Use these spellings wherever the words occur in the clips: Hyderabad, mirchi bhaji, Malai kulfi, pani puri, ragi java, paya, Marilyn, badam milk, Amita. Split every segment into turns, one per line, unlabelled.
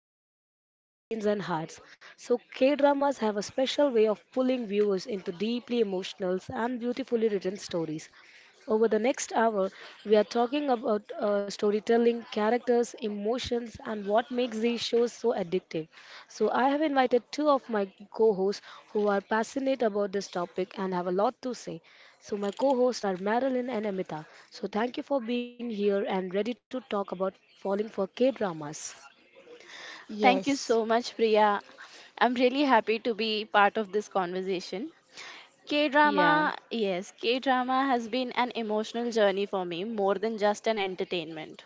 over our screens and hearts. So, K dramas have a special way of pulling viewers into deeply emotional and beautifully written stories. Over the next hour, we are talking about storytelling, characters, emotions, and what makes these shows so addictive. So, I have invited two of my co hosts who are passionate about this topic and have a lot to say. So, my co hosts are Marilyn and Amita. So, thank you for being here and ready to talk about falling for K dramas.
Yes,
Thank you so much, Priya. I'm really happy to be part of this conversation. K
Yeah.
drama, yes, K drama has been an emotional journey for me more than just an entertainment.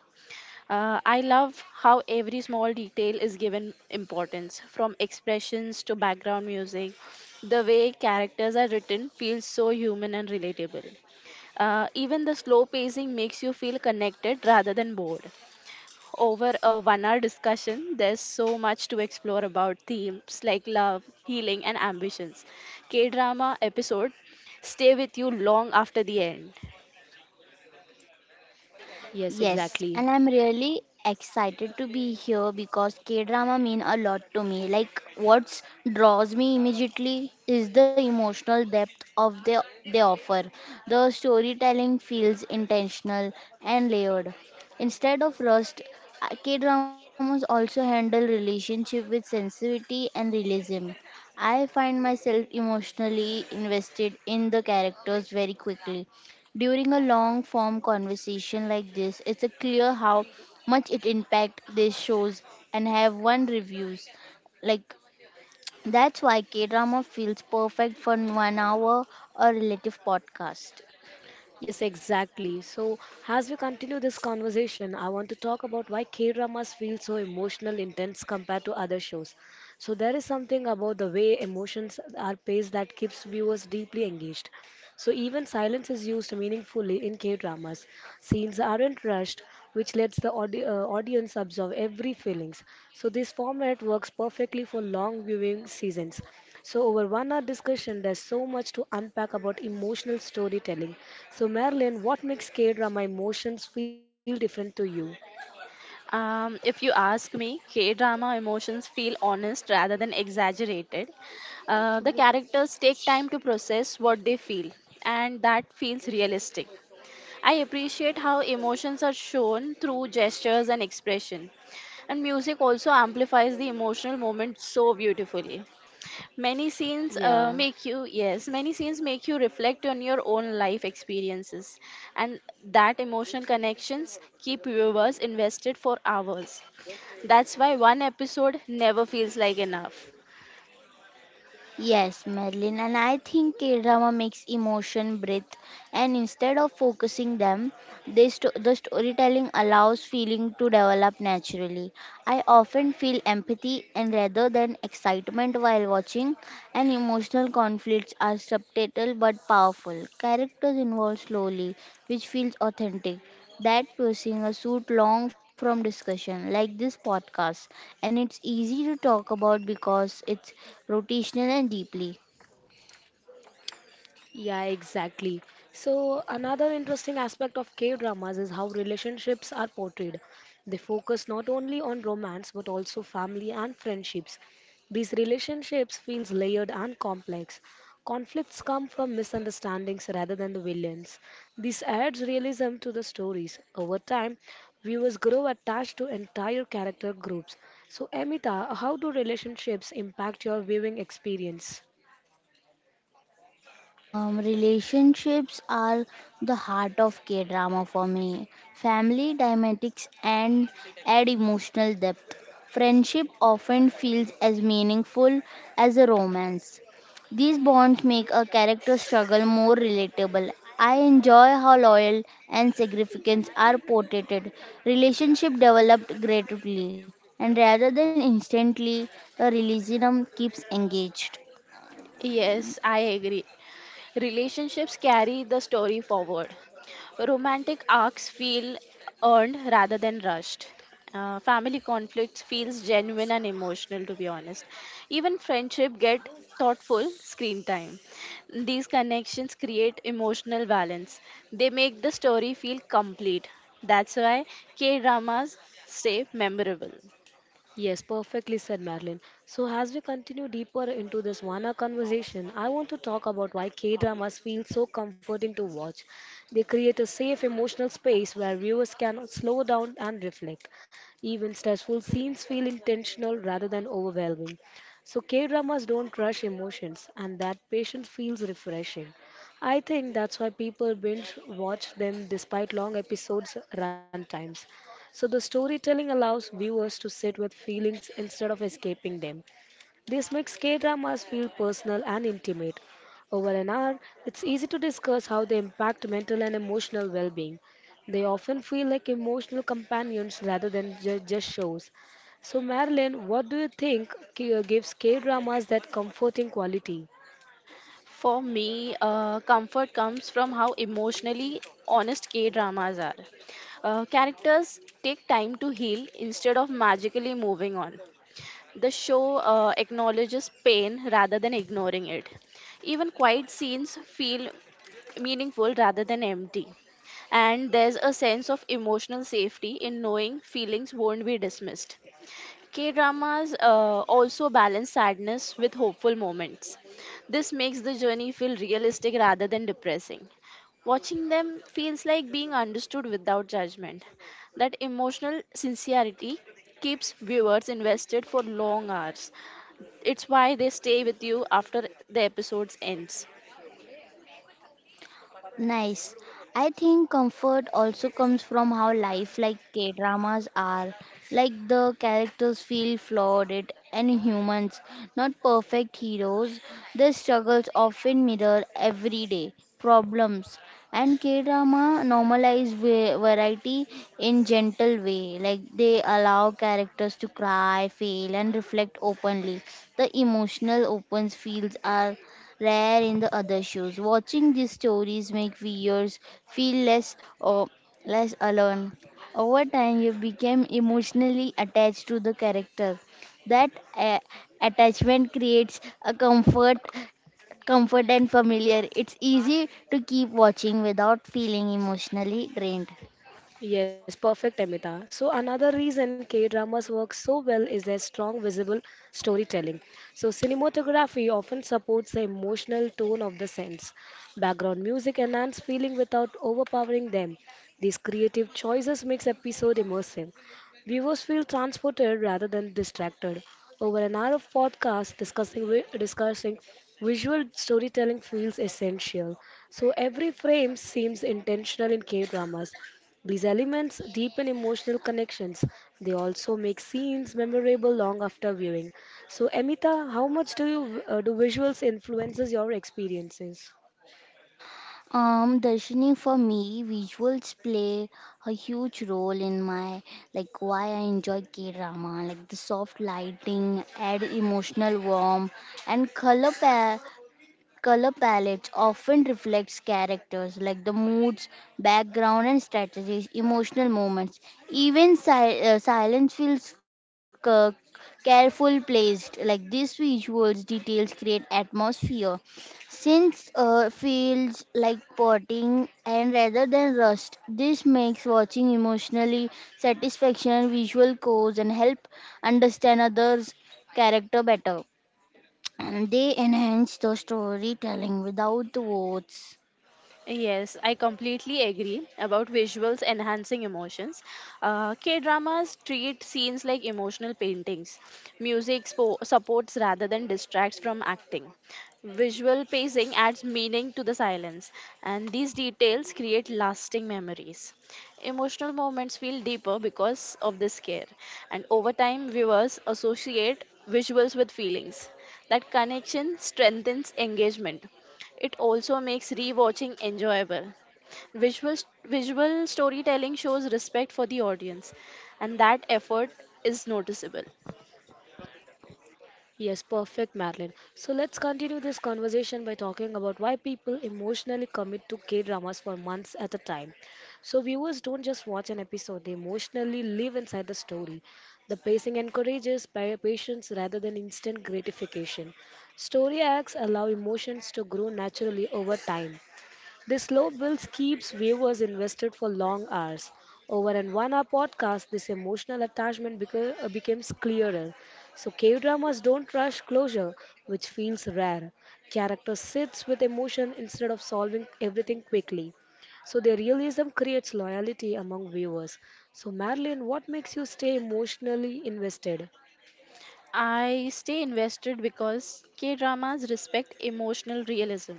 I love how every small detail is given importance, from expressions to background music. The way characters are written feels so human and relatable. Even the slow pacing makes you feel connected rather than bored over a 1 hour discussion, there's so much to explore about themes like love, healing, and ambitions. K drama episode stay with you long after the end.
Yes,
yes,
exactly.
and I'm really excited to be here because K drama mean a lot to me. Like what draws me immediately is the emotional depth of the they offer. The storytelling feels intentional and layered. Instead of rust, K dramas also handle relationship with sensitivity and realism. I find myself emotionally invested in the characters very quickly. During a long form conversation like this, it's a clear how much it impact these shows and have one reviews. Like that's why K drama feels perfect for 1 hour or relative podcast.
Yes, exactly. So, as we continue this conversation, I want to talk about why K dramas feel so emotional intense compared to other shows. So, there is something about the way emotions are paced that keeps viewers deeply engaged. So, even silence is used meaningfully in K dramas. Scenes aren't rushed, which lets the audience absorb every feelings. So, this format works perfectly for long viewing seasons. So, over 1 hour discussion, there's so much to unpack about emotional storytelling. So, Marilyn, what makes K drama emotions feel different to you?
If you ask me, K drama emotions feel honest rather than exaggerated. The characters take time to process what they feel, and that feels realistic. I appreciate how emotions are shown through gestures and expression. And music also amplifies the emotional moment so beautifully.
Yeah.
Many scenes make you reflect on your own life experiences. And that emotional connections keep viewers invested for hours. That's why one episode never feels like enough.
Yes, Madeline, and I think K-drama makes emotion breathe, and instead of focusing them, the storytelling allows feeling to develop naturally. I often feel empathy and rather than excitement while watching, and emotional conflicts are subtle but powerful. Characters involved slowly, which feels authentic that pursuing a suit long from discussion like this podcast and it's easy to talk about because it's rotational and deeply.
Yeah, exactly. So, another interesting aspect of K dramas is how relationships are portrayed. They focus not only on romance but also family and friendships. These relationships feels layered and complex. Conflicts come from misunderstandings rather than the villains. This adds realism to the stories. Over time, viewers grow attached to entire character groups. So, Amita, how do relationships impact your viewing experience?
Relationships are the heart of K drama for me. Family dynamics and add emotional depth. Friendship often feels as meaningful as a romance. These bonds make a character struggle more relatable. I enjoy how loyal and significance are portrayed. Relationship developed gradually and rather than instantly, the realism keeps engaged.
Yes, I agree. Relationships carry the story forward. Romantic arcs feel earned rather than rushed. Family conflicts feels genuine and emotional, to be honest. Even friendship get thoughtful screen time. These connections create emotional balance. They make the story feel complete. That's why K dramas stay memorable.
Yes, perfectly said, Marilyn. So, as we continue deeper into this Wana conversation, I want to talk about why K dramas feel so comforting to watch. They create a safe emotional space where viewers can slow down and reflect. Even stressful scenes feel intentional rather than overwhelming. So, K dramas don't rush emotions, and that patience feels refreshing. I think that's why people binge watch them despite long episodes' runtimes. So the storytelling allows viewers to sit with feelings instead of escaping them. This makes K-dramas feel personal and intimate. Over an hour, it's easy to discuss how they impact mental and emotional well-being. They often feel like emotional companions rather than just shows. So Marilyn, what do you think gives K-dramas that comforting quality?
For me, comfort comes from how emotionally honest K dramas are. Characters take time to heal instead of magically moving on. The show acknowledges pain rather than ignoring it. Even quiet scenes feel meaningful rather than empty. And there's a sense of emotional safety in knowing feelings won't be dismissed. K dramas also balance sadness with hopeful moments. This makes the journey feel realistic rather than depressing. Watching them feels like being understood without judgment. That emotional sincerity keeps viewers invested for long hours. It's why they stay with you after the episodes ends.
Nice. I think comfort also comes from how life like K dramas are. Like the characters feel flawed and humans, not perfect heroes. Their struggles often mirror everyday problems. And K drama normalize variety in gentle way. Like they allow characters to cry, fail, and reflect openly. The emotional opens fields are rare in the other shows. Watching these stories make viewers feel less or less alone. Over time, you become emotionally attached to the character. That attachment creates a comfort, comfort and familiar. It's easy to keep watching without feeling emotionally drained.
Yes, perfect, Amita. So another reason K-dramas work so well is their strong visible storytelling. So cinematography often supports the emotional tone of the scenes. Background music enhance feeling without overpowering them. These creative choices makes episode immersive. Viewers feel transported rather than distracted. Over an hour of podcast discussing visual storytelling feels essential. So every frame seems intentional in K dramas. These elements deepen emotional connections. They also make scenes memorable long after viewing. So, Amita, how much do you do visuals influences your experiences?
Darshini, for me, visuals play a huge role in my like why I enjoy K-drama. Like the soft lighting, add emotional warmth, and color palettes often reflects characters like the moods, background, and strategies, emotional moments. Even silence feels careful placed. Like these visuals details create atmosphere. Since feels like potting and rather than rust, this makes watching emotionally satisfaction visual cause and help understand others' character better and they enhance the storytelling without words.
Yes, I completely agree about visuals enhancing emotions. K dramas treat scenes like emotional paintings. Music supports rather than distracts from acting. Visual pacing adds meaning to the silence, and these details create lasting memories. Emotional moments feel deeper because of this care, and over time, viewers associate visuals with feelings. That connection strengthens engagement. It also makes rewatching enjoyable. Visual, visual storytelling shows respect for the audience, and that effort is noticeable.
Yes, perfect, Madeline. So let's continue this conversation by talking about why people emotionally commit to K dramas for months at a time. So viewers don't just watch an episode, they emotionally live inside the story. The pacing encourages patience rather than instant gratification. Story arcs allow emotions to grow naturally over time. This slow build keeps viewers invested for long hours. Over an 1 hour podcast, this emotional attachment becomes clearer. So, K dramas don't rush closure, which feels rare. Character sits with emotion instead of solving everything quickly. So, their realism creates loyalty among viewers. So, Marilyn, what makes you stay emotionally invested?
I stay invested because K dramas respect emotional realism.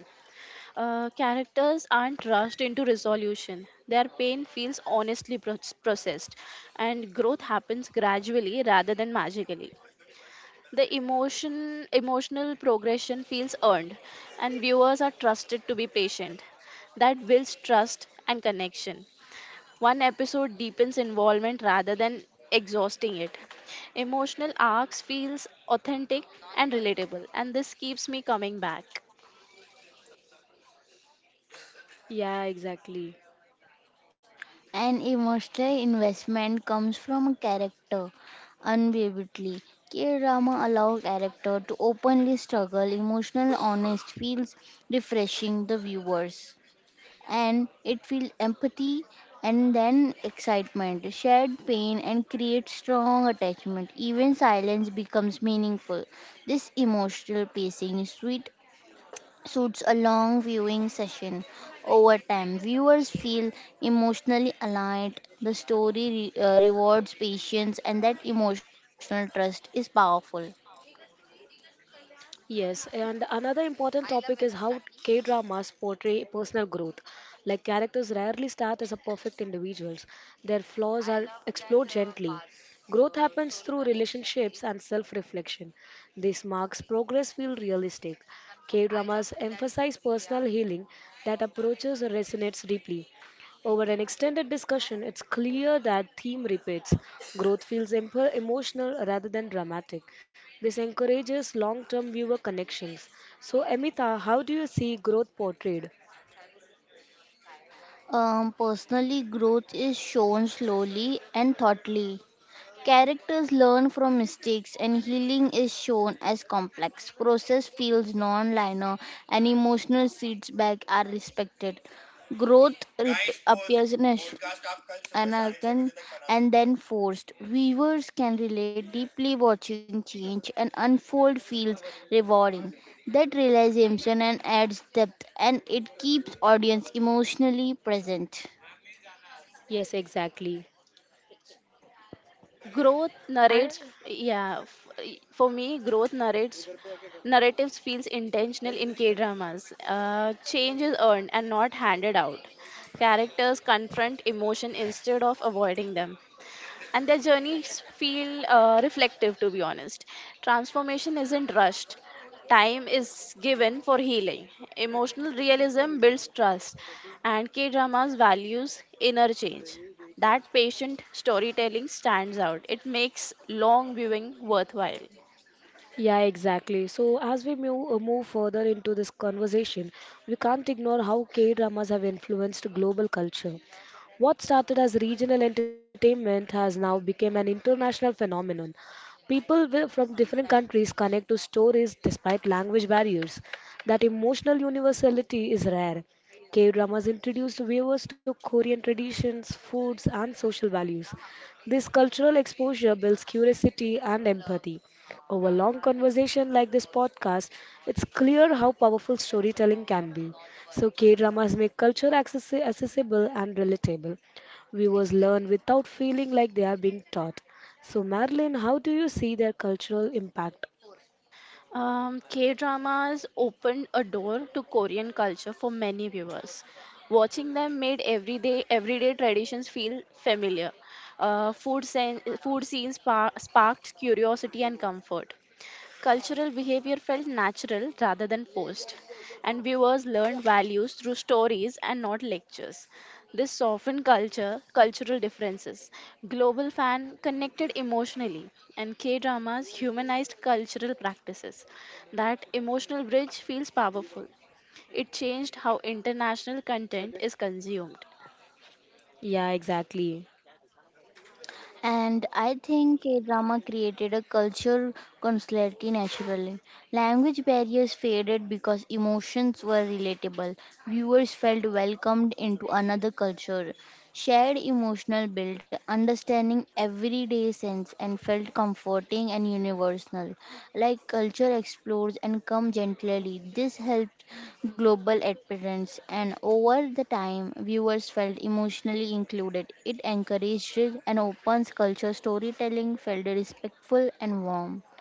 Characters aren't rushed into resolution, their pain feels honestly processed, and growth happens gradually rather than magically. The emotional progression feels earned and viewers are trusted to be patient. That builds trust and connection. One episode deepens involvement rather than exhausting it. Emotional arcs feels authentic and relatable and this keeps me coming back.
Yeah, exactly.
An emotional investment comes from a character unbelievably. K drama allow character to openly struggle, emotional honest feels refreshing the viewers and it feels empathy and then excitement, shared pain and creates strong attachment. Even silence becomes meaningful. This emotional pacing is sweet suits a long viewing session. Over time, viewers feel emotionally aligned. The story rewards patience, and that emotional trust is powerful.
Yes, and another important topic is how K dramas portray personal growth. Like characters rarely start as a perfect individuals, their flaws are explored gently. Growth happens through relationships and self reflection. This marks progress feel realistic. K dramas emphasize personal healing that approaches resonates deeply. Over an extended discussion, it's clear that theme repeats. Growth feels emotional rather than dramatic. This encourages long term viewer connections. So, Amita, how do you see growth portrayed?
Personally, growth is shown slowly and thoughtfully. Characters learn from mistakes, and healing is shown as complex. Process feels non-linear, and emotional feedback are respected. Appears anarchan and then forced. Viewers can relate deeply watching change and unfold feels rewarding. That realization and adds depth, and it keeps audience emotionally present.
Yes, exactly.
Growth narrates yeah f- for me growth narrates narratives feels intentional in K dramas. Change is earned and not handed out. Characters confront emotion instead of avoiding them, and their journeys feel reflective, to be honest. Transformation isn't rushed. Time is given for healing. Emotional realism builds trust, and K dramas values inner change. That patient storytelling stands out. It makes long viewing worthwhile.
Yeah, exactly. So, as we move further into this conversation, we can't ignore how K dramas have influenced global culture. What started as regional entertainment has now become an international phenomenon. From different countries connect to stories despite language barriers. That emotional universality is rare. K dramas introduced viewers to Korean traditions, foods, and social values. This cultural exposure builds curiosity and empathy. Over long conversation like this podcast, it's clear how powerful storytelling can be. So K-dramas make culture accessible and relatable. Viewers learn without feeling like they are being taught. So Marilyn, how do you see their cultural impact?
K dramas opened a door to Korean culture for many viewers. Watching them made everyday traditions feel familiar. Food scenes sparked curiosity and comfort. Cultural behavior felt natural rather than forced, and viewers learned values through stories and not lectures. This softened cultural differences. Global fan connected emotionally, and K dramas humanized cultural practices. That emotional bridge feels powerful. It changed how international content is consumed.
Yeah, exactly.
And I think K drama created a culture constantly naturally. Language barriers faded because emotions were relatable. Viewers felt welcomed into another culture. Shared emotional build, understanding everyday sense and felt comforting and universal. Like culture explores and come gently. This helped global appearance and over the time viewers felt emotionally included. It encouraged and opens culture storytelling, felt respectful and warm.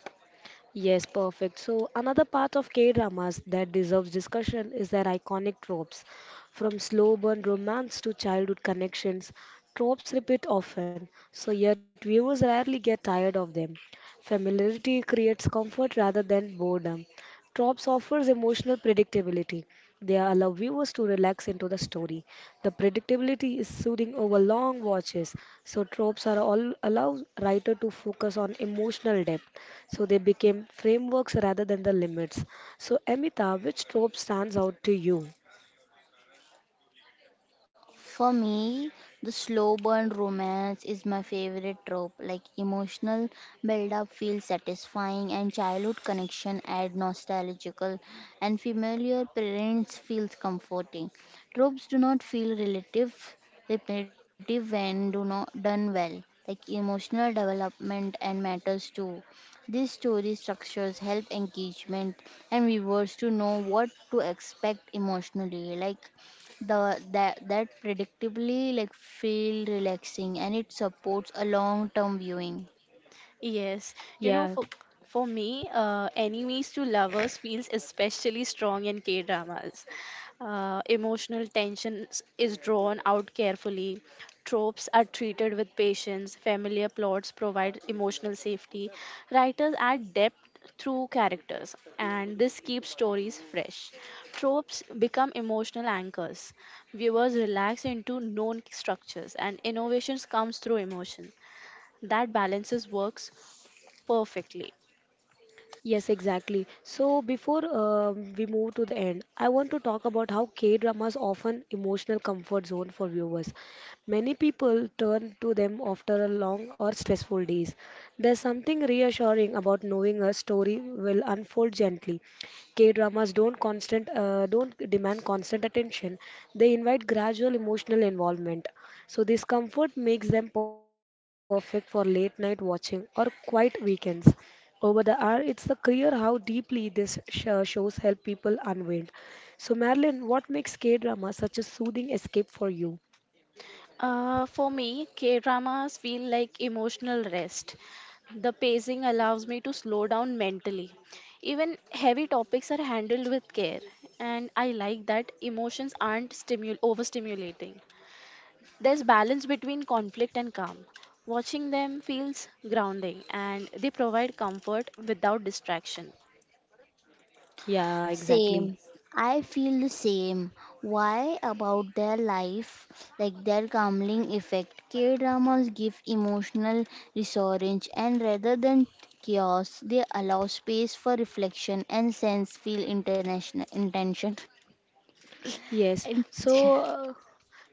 Yes, perfect. So, another part of K dramas that deserves discussion is their iconic tropes. From slow burn romance to childhood connections, tropes repeat often, so yet viewers rarely get tired of them. Familiarity creates comfort rather than boredom. Tropes offers emotional predictability. They allow viewers to relax into the story. The predictability is soothing over long watches, so tropes are all allow writer to focus on emotional depth. So they became frameworks rather than the limits. So, Amita, which trope stands out to you?
For me, the slow burn romance is my favorite trope. Like emotional build up feels satisfying and childhood connection add nostalgical and familiar parents feels comforting. Tropes do not feel relative repetitive when do not done well. Like emotional development and matters too. These story structures help engagement and viewers to know what to expect emotionally. Like the that that predictably like feel relaxing and it supports a long term viewing.
Yes,
Yeah.
you know, for for me, enemies to lovers feels especially strong in K dramas. Emotional tension is drawn out carefully. Tropes are treated with patience. Familiar plots provide emotional safety. Writers add depth through characters, and this keeps stories fresh. Tropes become emotional anchors. Viewers relax into known structures, and innovations comes through emotion. That balances works perfectly.
Yes, exactly. So before we move to the end, I want to talk about how K-dramas often emotional comfort zone for viewers. Many people turn to them after a long or stressful days. There's something reassuring about knowing a story will unfold gently. K-dramas don't demand constant attention. They invite gradual emotional involvement. So this comfort makes them perfect for late night watching or quiet weekends over the hour, it's the clear how deeply this shows help people unwind. So, Marilyn, what makes K drama such a soothing escape for you?
For me, K dramas feel like emotional rest. The pacing allows me to slow down mentally. Even heavy topics are handled with care, and I like that emotions aren't overstimulating. There's balance between conflict and calm. Watching them feels grounding, and they provide comfort without distraction.
Yeah,
Same,
exactly.
I feel the same, why about their life, like their calming effect K dramas give emotional resurgence and rather than chaos they allow space for reflection and sense feel international intention.
Yes.
And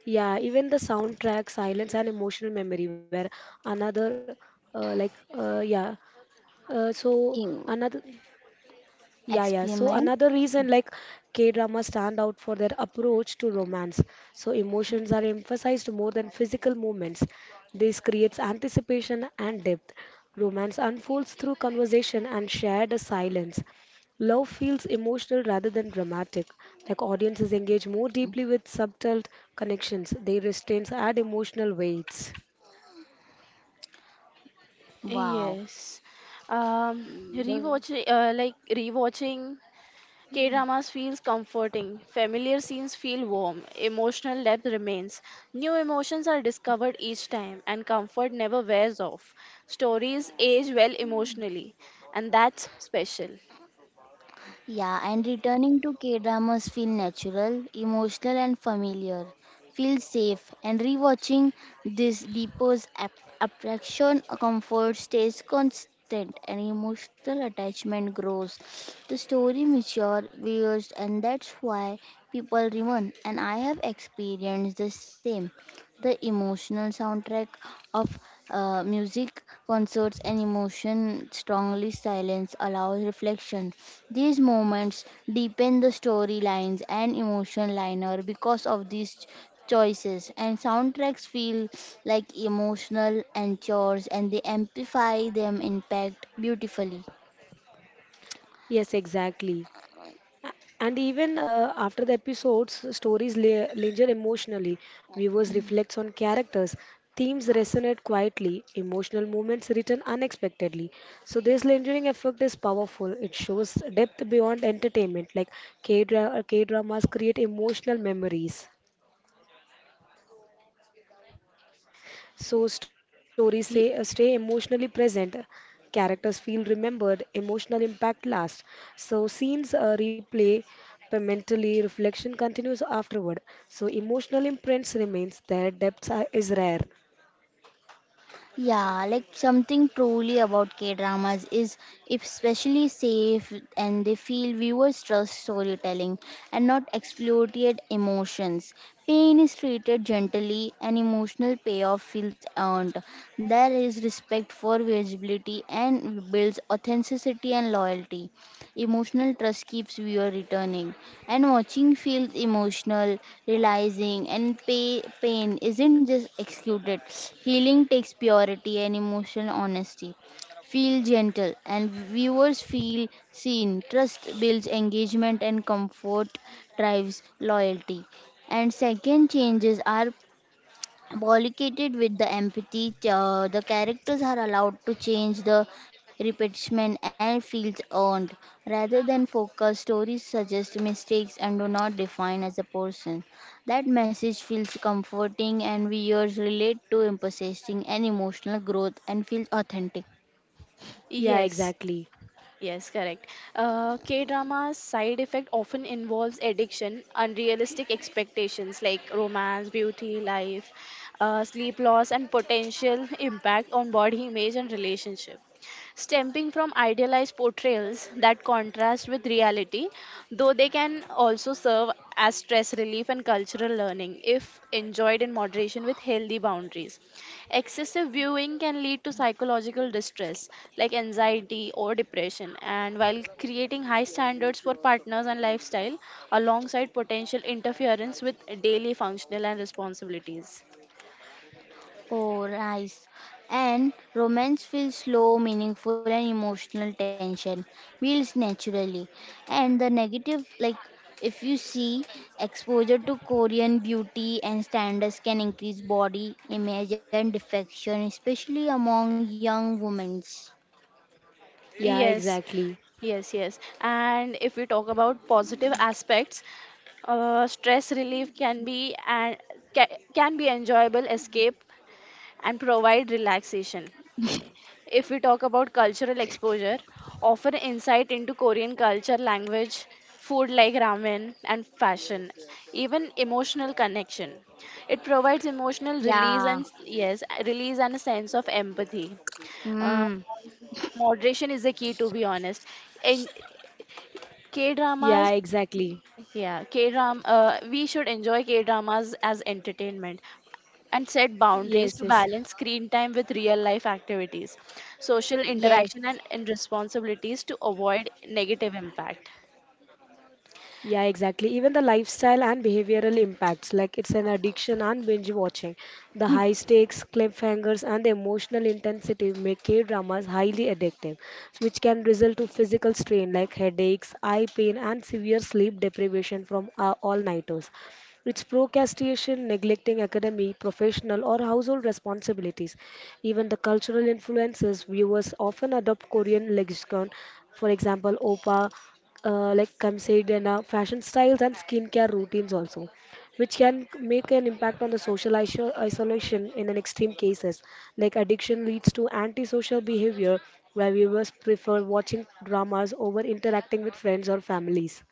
Yeah, even the soundtrack, silence, and emotional memory were another, yeah. Uh, so another Yeah, yeah. So
experiment.
another reason like k drama stand out for their approach to romance. So emotions are emphasized more than physical movements. This creates anticipation and depth. Romance unfolds through conversation and shared silence. Love feels emotional rather than dramatic. Like audiences engage more deeply with subtle connections. They restraints add emotional weights.
Wow.
Yes. Um, rewatching K dramas feels comforting, familiar scenes feel warm, emotional depth remains, new emotions are discovered each time, and comfort never wears off. Stories age well emotionally, and that's special.
Yeah, and returning to K dramas feel natural, emotional, and familiar. Feel safe, and rewatching this deepens attraction, a comfort stays constant, and emotional attachment grows. The story mature, viewers, and that's why people remain. And I have experienced the same the emotional soundtrack of music, concerts, and emotion strongly silence allows reflection. These moments deepen the storylines and emotion liner because of these choices and soundtracks feel like emotional anchors and they amplify them impact beautifully.
Yes, exactly. And even after the episodes, stories linger emotionally. Viewers reflect on characters. Themes resonate quietly. Emotional moments return unexpectedly. So this lingering effect is powerful. It shows depth beyond entertainment. Like K-dramas create emotional memories. So
Y-
stay emotionally present. Characters feel remembered, emotional impact lasts. So scenes replay but mentally, reflection continues afterward. So emotional imprints remains, their is rare.
Yeah, like something truly about K dramas is especially safe and they feel viewers trust storytelling and not exploited emotions. Pain is treated gently and emotional payoff feels earned. There is respect for visibility and builds authenticity and loyalty. Emotional trust keeps viewer returning. And watching feels emotional, realizing and pain isn't just executed. Healing takes purity and emotional honesty. Feel gentle and viewers feel seen. Trust builds engagement and comfort drives loyalty. And second changes are Pollicated with the empathy, the characters are allowed to change the repetition and feels earned. Rather than focus, stories suggest mistakes and do not define as a person. That message feels comforting and viewers relate to emphasizing and emotional growth and feels authentic.
Yeah,
yes.
exactly.
Yes, correct. K drama's side effect often involves addiction, unrealistic expectations like romance, beauty, life, sleep loss, and potential impact on body image and relationship. Stemming from idealized portrayals that contrast with reality, though they can also serve as stress relief and cultural learning if enjoyed in moderation with healthy boundaries. Excessive viewing can lead to psychological distress like anxiety or depression, and while creating high standards for partners and lifestyle alongside potential interference with daily functional and responsibilities.
Oh, rice. And romance feels slow, meaningful, and emotional tension builds naturally. And the negative, like if you see exposure to Korean beauty and standards can increase body image and defection, especially among young women.
Yeah,
Yes,
exactly.
yes. And if we talk about positive aspects, stress relief can be enjoyable escape and provide relaxation. If we talk about cultural exposure, offer insight into Korean culture, language, food like ramen, and fashion, even emotional connection. It provides emotional release and
Yeah.
a sense of empathy. Uh,
Mm.
moderation is the key, to be honest. And K
Yeah,
dramas,
exactly.
yeah, K drama. We should enjoy K dramas as entertainment and set boundaries
Yes,
to
yes.
balance screen time with real life activities, social interaction,
Yes.
and responsibilities to avoid negative impact.
Yeah, exactly. Even the lifestyle and behavioral impacts, like it's an addiction and binge watching. The high stakes, cliffhangers, and the emotional intensity make K dramas highly addictive, which can result to physical strain like headaches, eye pain, and severe sleep deprivation from all nighters. It's procrastination, neglecting academy, professional, or household responsibilities. Even the cultural influences, viewers often adopt Korean lexicon, for example, opa like considered fashion styles and skincare routines also which can make an impact on the social isolation in an extreme cases like addiction leads to antisocial behavior where viewers prefer watching dramas over interacting with friends or families.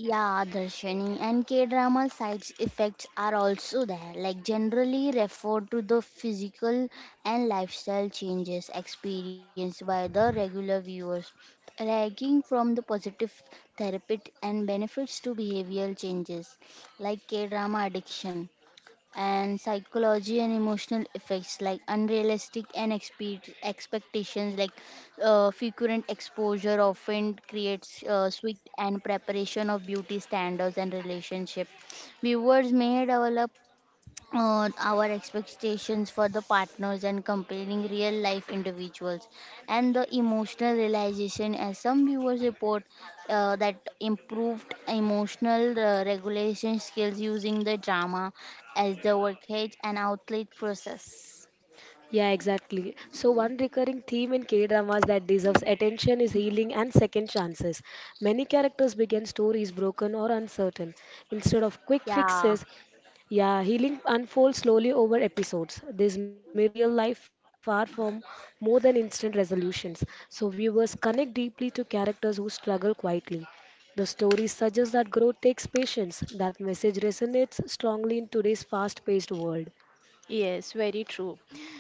Yeah, Darshini and K drama sides effects are also there, like generally refer to the physical and lifestyle changes experienced by the regular viewers, ranging from the positive therapy and benefits to behavioral changes like K drama addiction and psychology and emotional effects like unrealistic and expectations like frequent exposure often creates sweet and preparation of beauty standards and relationship viewers may develop our expectations for the partners and comparing real life individuals and the emotional realization as some viewers report that improved emotional regulation skills using the drama as the workage and outlet process.
Yeah, exactly. So, one recurring theme in K dramas that deserves attention is healing and second chances. Many characters begin stories broken or uncertain. Instead of quick
Yeah,
fixes, yeah, healing unfolds slowly over episodes. This mirrors real life far from more than instant resolutions. So viewers connect deeply to characters who struggle quietly. The story suggests that growth takes patience. That message resonates strongly in today's fast paced world.
Yes, very true.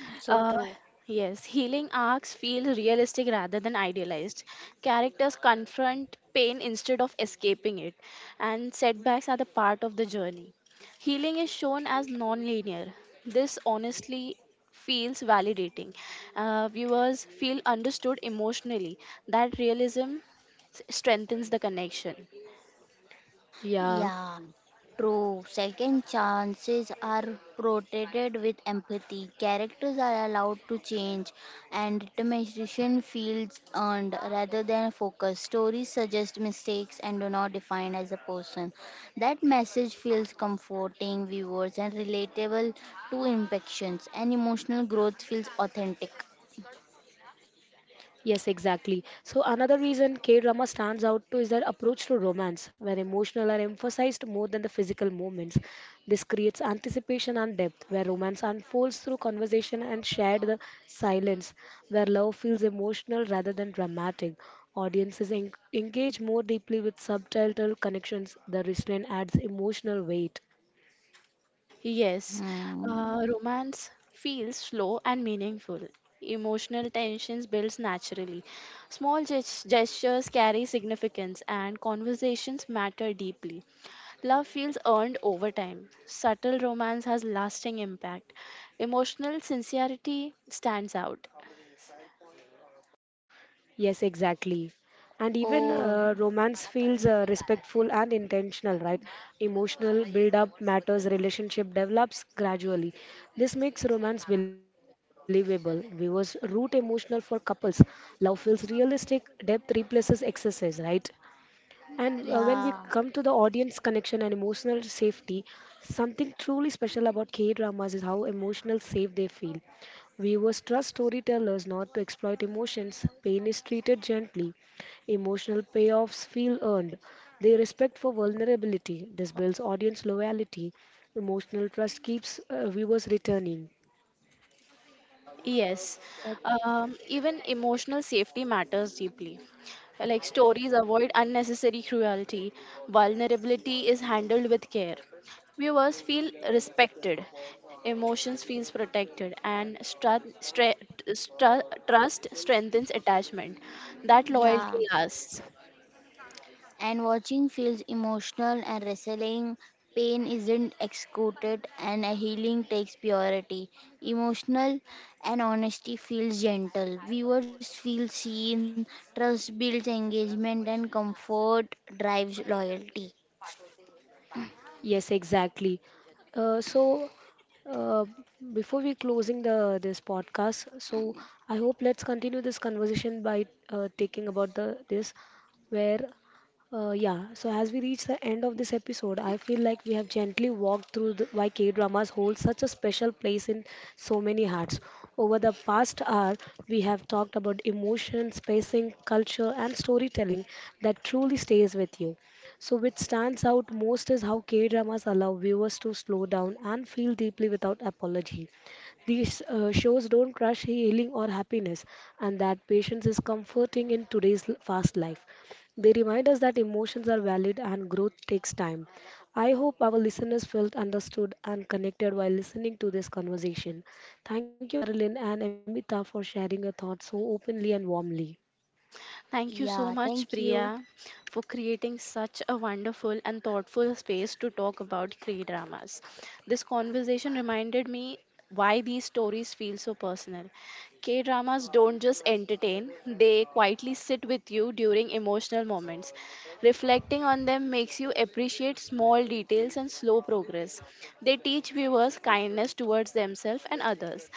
so
Uh,
true.
yes, healing arcs feel realistic rather than idealized. Characters confront pain instead of escaping it, and setbacks are the part of the journey. Healing is shown as non linear. This honestly feels validating. Viewers feel understood emotionally. That realism strengthens the connection.
Yeah,
Yeah.
true. Second chances are protected with empathy. Characters are allowed to change, and determination feels earned rather than focused. Stories suggest mistakes and do not define as a person. That message feels comforting, viewers, and relatable to infections, and emotional growth feels authentic.
Yes, exactly. So another reason K drama stands out too is their approach to romance, where emotional are emphasized more than the physical moments. This creates anticipation and depth, where romance unfolds through conversation and shared the silence, where love feels emotional rather than dramatic. Engage more deeply with subtitle connections. The restraint adds emotional weight.
Yes,
Hmm.
romance feels slow and meaningful. Emotional tensions builds naturally. Small gestures carry significance and conversations matter deeply. Love feels earned over time. Subtle romance has lasting impact. Emotional sincerity stands out.
Yes, exactly. And even
Oh,
romance feels respectful and intentional, right? Emotional build up matters, relationship develops gradually. This makes romance believable. Viewers root emotional for couples. Love feels realistic, depth replaces excesses, right? And when we
yeah.
come to the audience connection and emotional safety, something truly special about K dramas is how emotional safe they feel. Viewers trust storytellers not to exploit emotions. Pain is treated gently. Emotional payoffs feel earned. They respect for vulnerability. This builds audience loyalty. Emotional trust keeps viewers returning.
Yes,
That-
even emotional safety matters deeply. Like stories avoid unnecessary cruelty, vulnerability is handled with care. Viewers feel respected, emotions feels protected, and trust strengthens attachment. That
Yeah.
loyalty lasts.
And watching feels emotional and wrestling. Pain isn't executed, and a healing takes purity. Emotional and honesty feels gentle. Viewers feel seen, trust builds engagement, and comfort drives loyalty.
Yes, exactly. Uh, so uh, Before we closing the this podcast, so I hope let's continue this conversation by taking about the this where Yeah. So as we reach the end of this episode, I feel like we have gently walked through the, why K dramas hold such a special place in so many hearts. Over the past hour, we have talked about emotion, spacing, culture, and storytelling that truly stays with you. So, which stands out most is how K dramas allow viewers to slow down and feel deeply without apology. These shows don't crush healing or happiness, and that patience is comforting in today's fast life. They remind us that emotions are valid and growth takes time. I hope our listeners felt understood and connected while listening to this conversation. Thank you, Marilyn and Amita, for sharing your thoughts so openly and warmly.
Thank you so
Yeah,
much,
thank
Priya,
you.
for creating such a wonderful and thoughtful space to talk about Cree dramas. This conversation reminded me why these stories feel so personal. K dramas don't just entertain, they quietly sit with you during emotional moments. Reflecting on them makes you appreciate small details and slow progress. They teach viewers kindness towards themselves and others.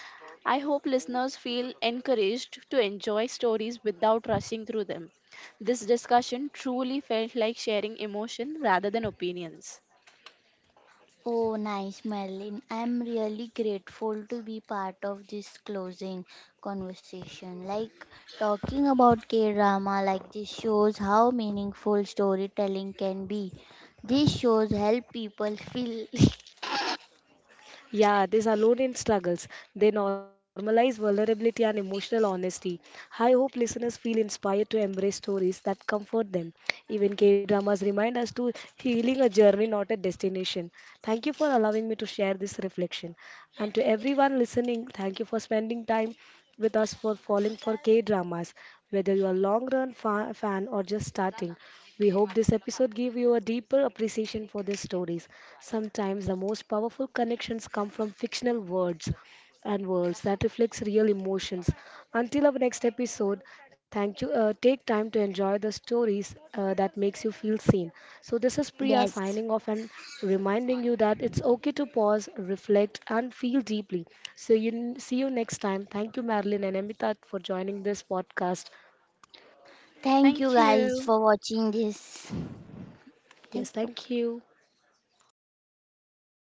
I hope listeners feel encouraged to enjoy stories without rushing through them. This discussion truly felt like sharing emotion rather than opinions.
Oh, nice, Madeline. I'm really grateful to be part of this closing conversation. Like talking about K drama, like this shows how meaningful storytelling can be. These shows help people feel.
Yeah, these are alone in struggles. They normalize vulnerability and emotional honesty. I hope listeners feel inspired to embrace stories that comfort them. Even K dramas remind us to healing a journey, not a destination. Thank you for allowing me to share this reflection. And to everyone listening, thank you for spending time with us for falling for K dramas, whether you are long run fan or just starting. We hope this episode gave you a deeper appreciation for these stories. Sometimes the most powerful connections come from fictional words and worlds that reflects real emotions. Until our next episode, thank you. Take time to enjoy the stories that makes you feel seen. So this is Priya
Yes.
signing off and reminding you that it's okay to pause, reflect, and feel deeply. So you see you next time. Thank you, Marilyn and Amitat, for joining this podcast.
Thank you
Thank
guys
you.
for watching this.
Yes,
Thank you.
thank you.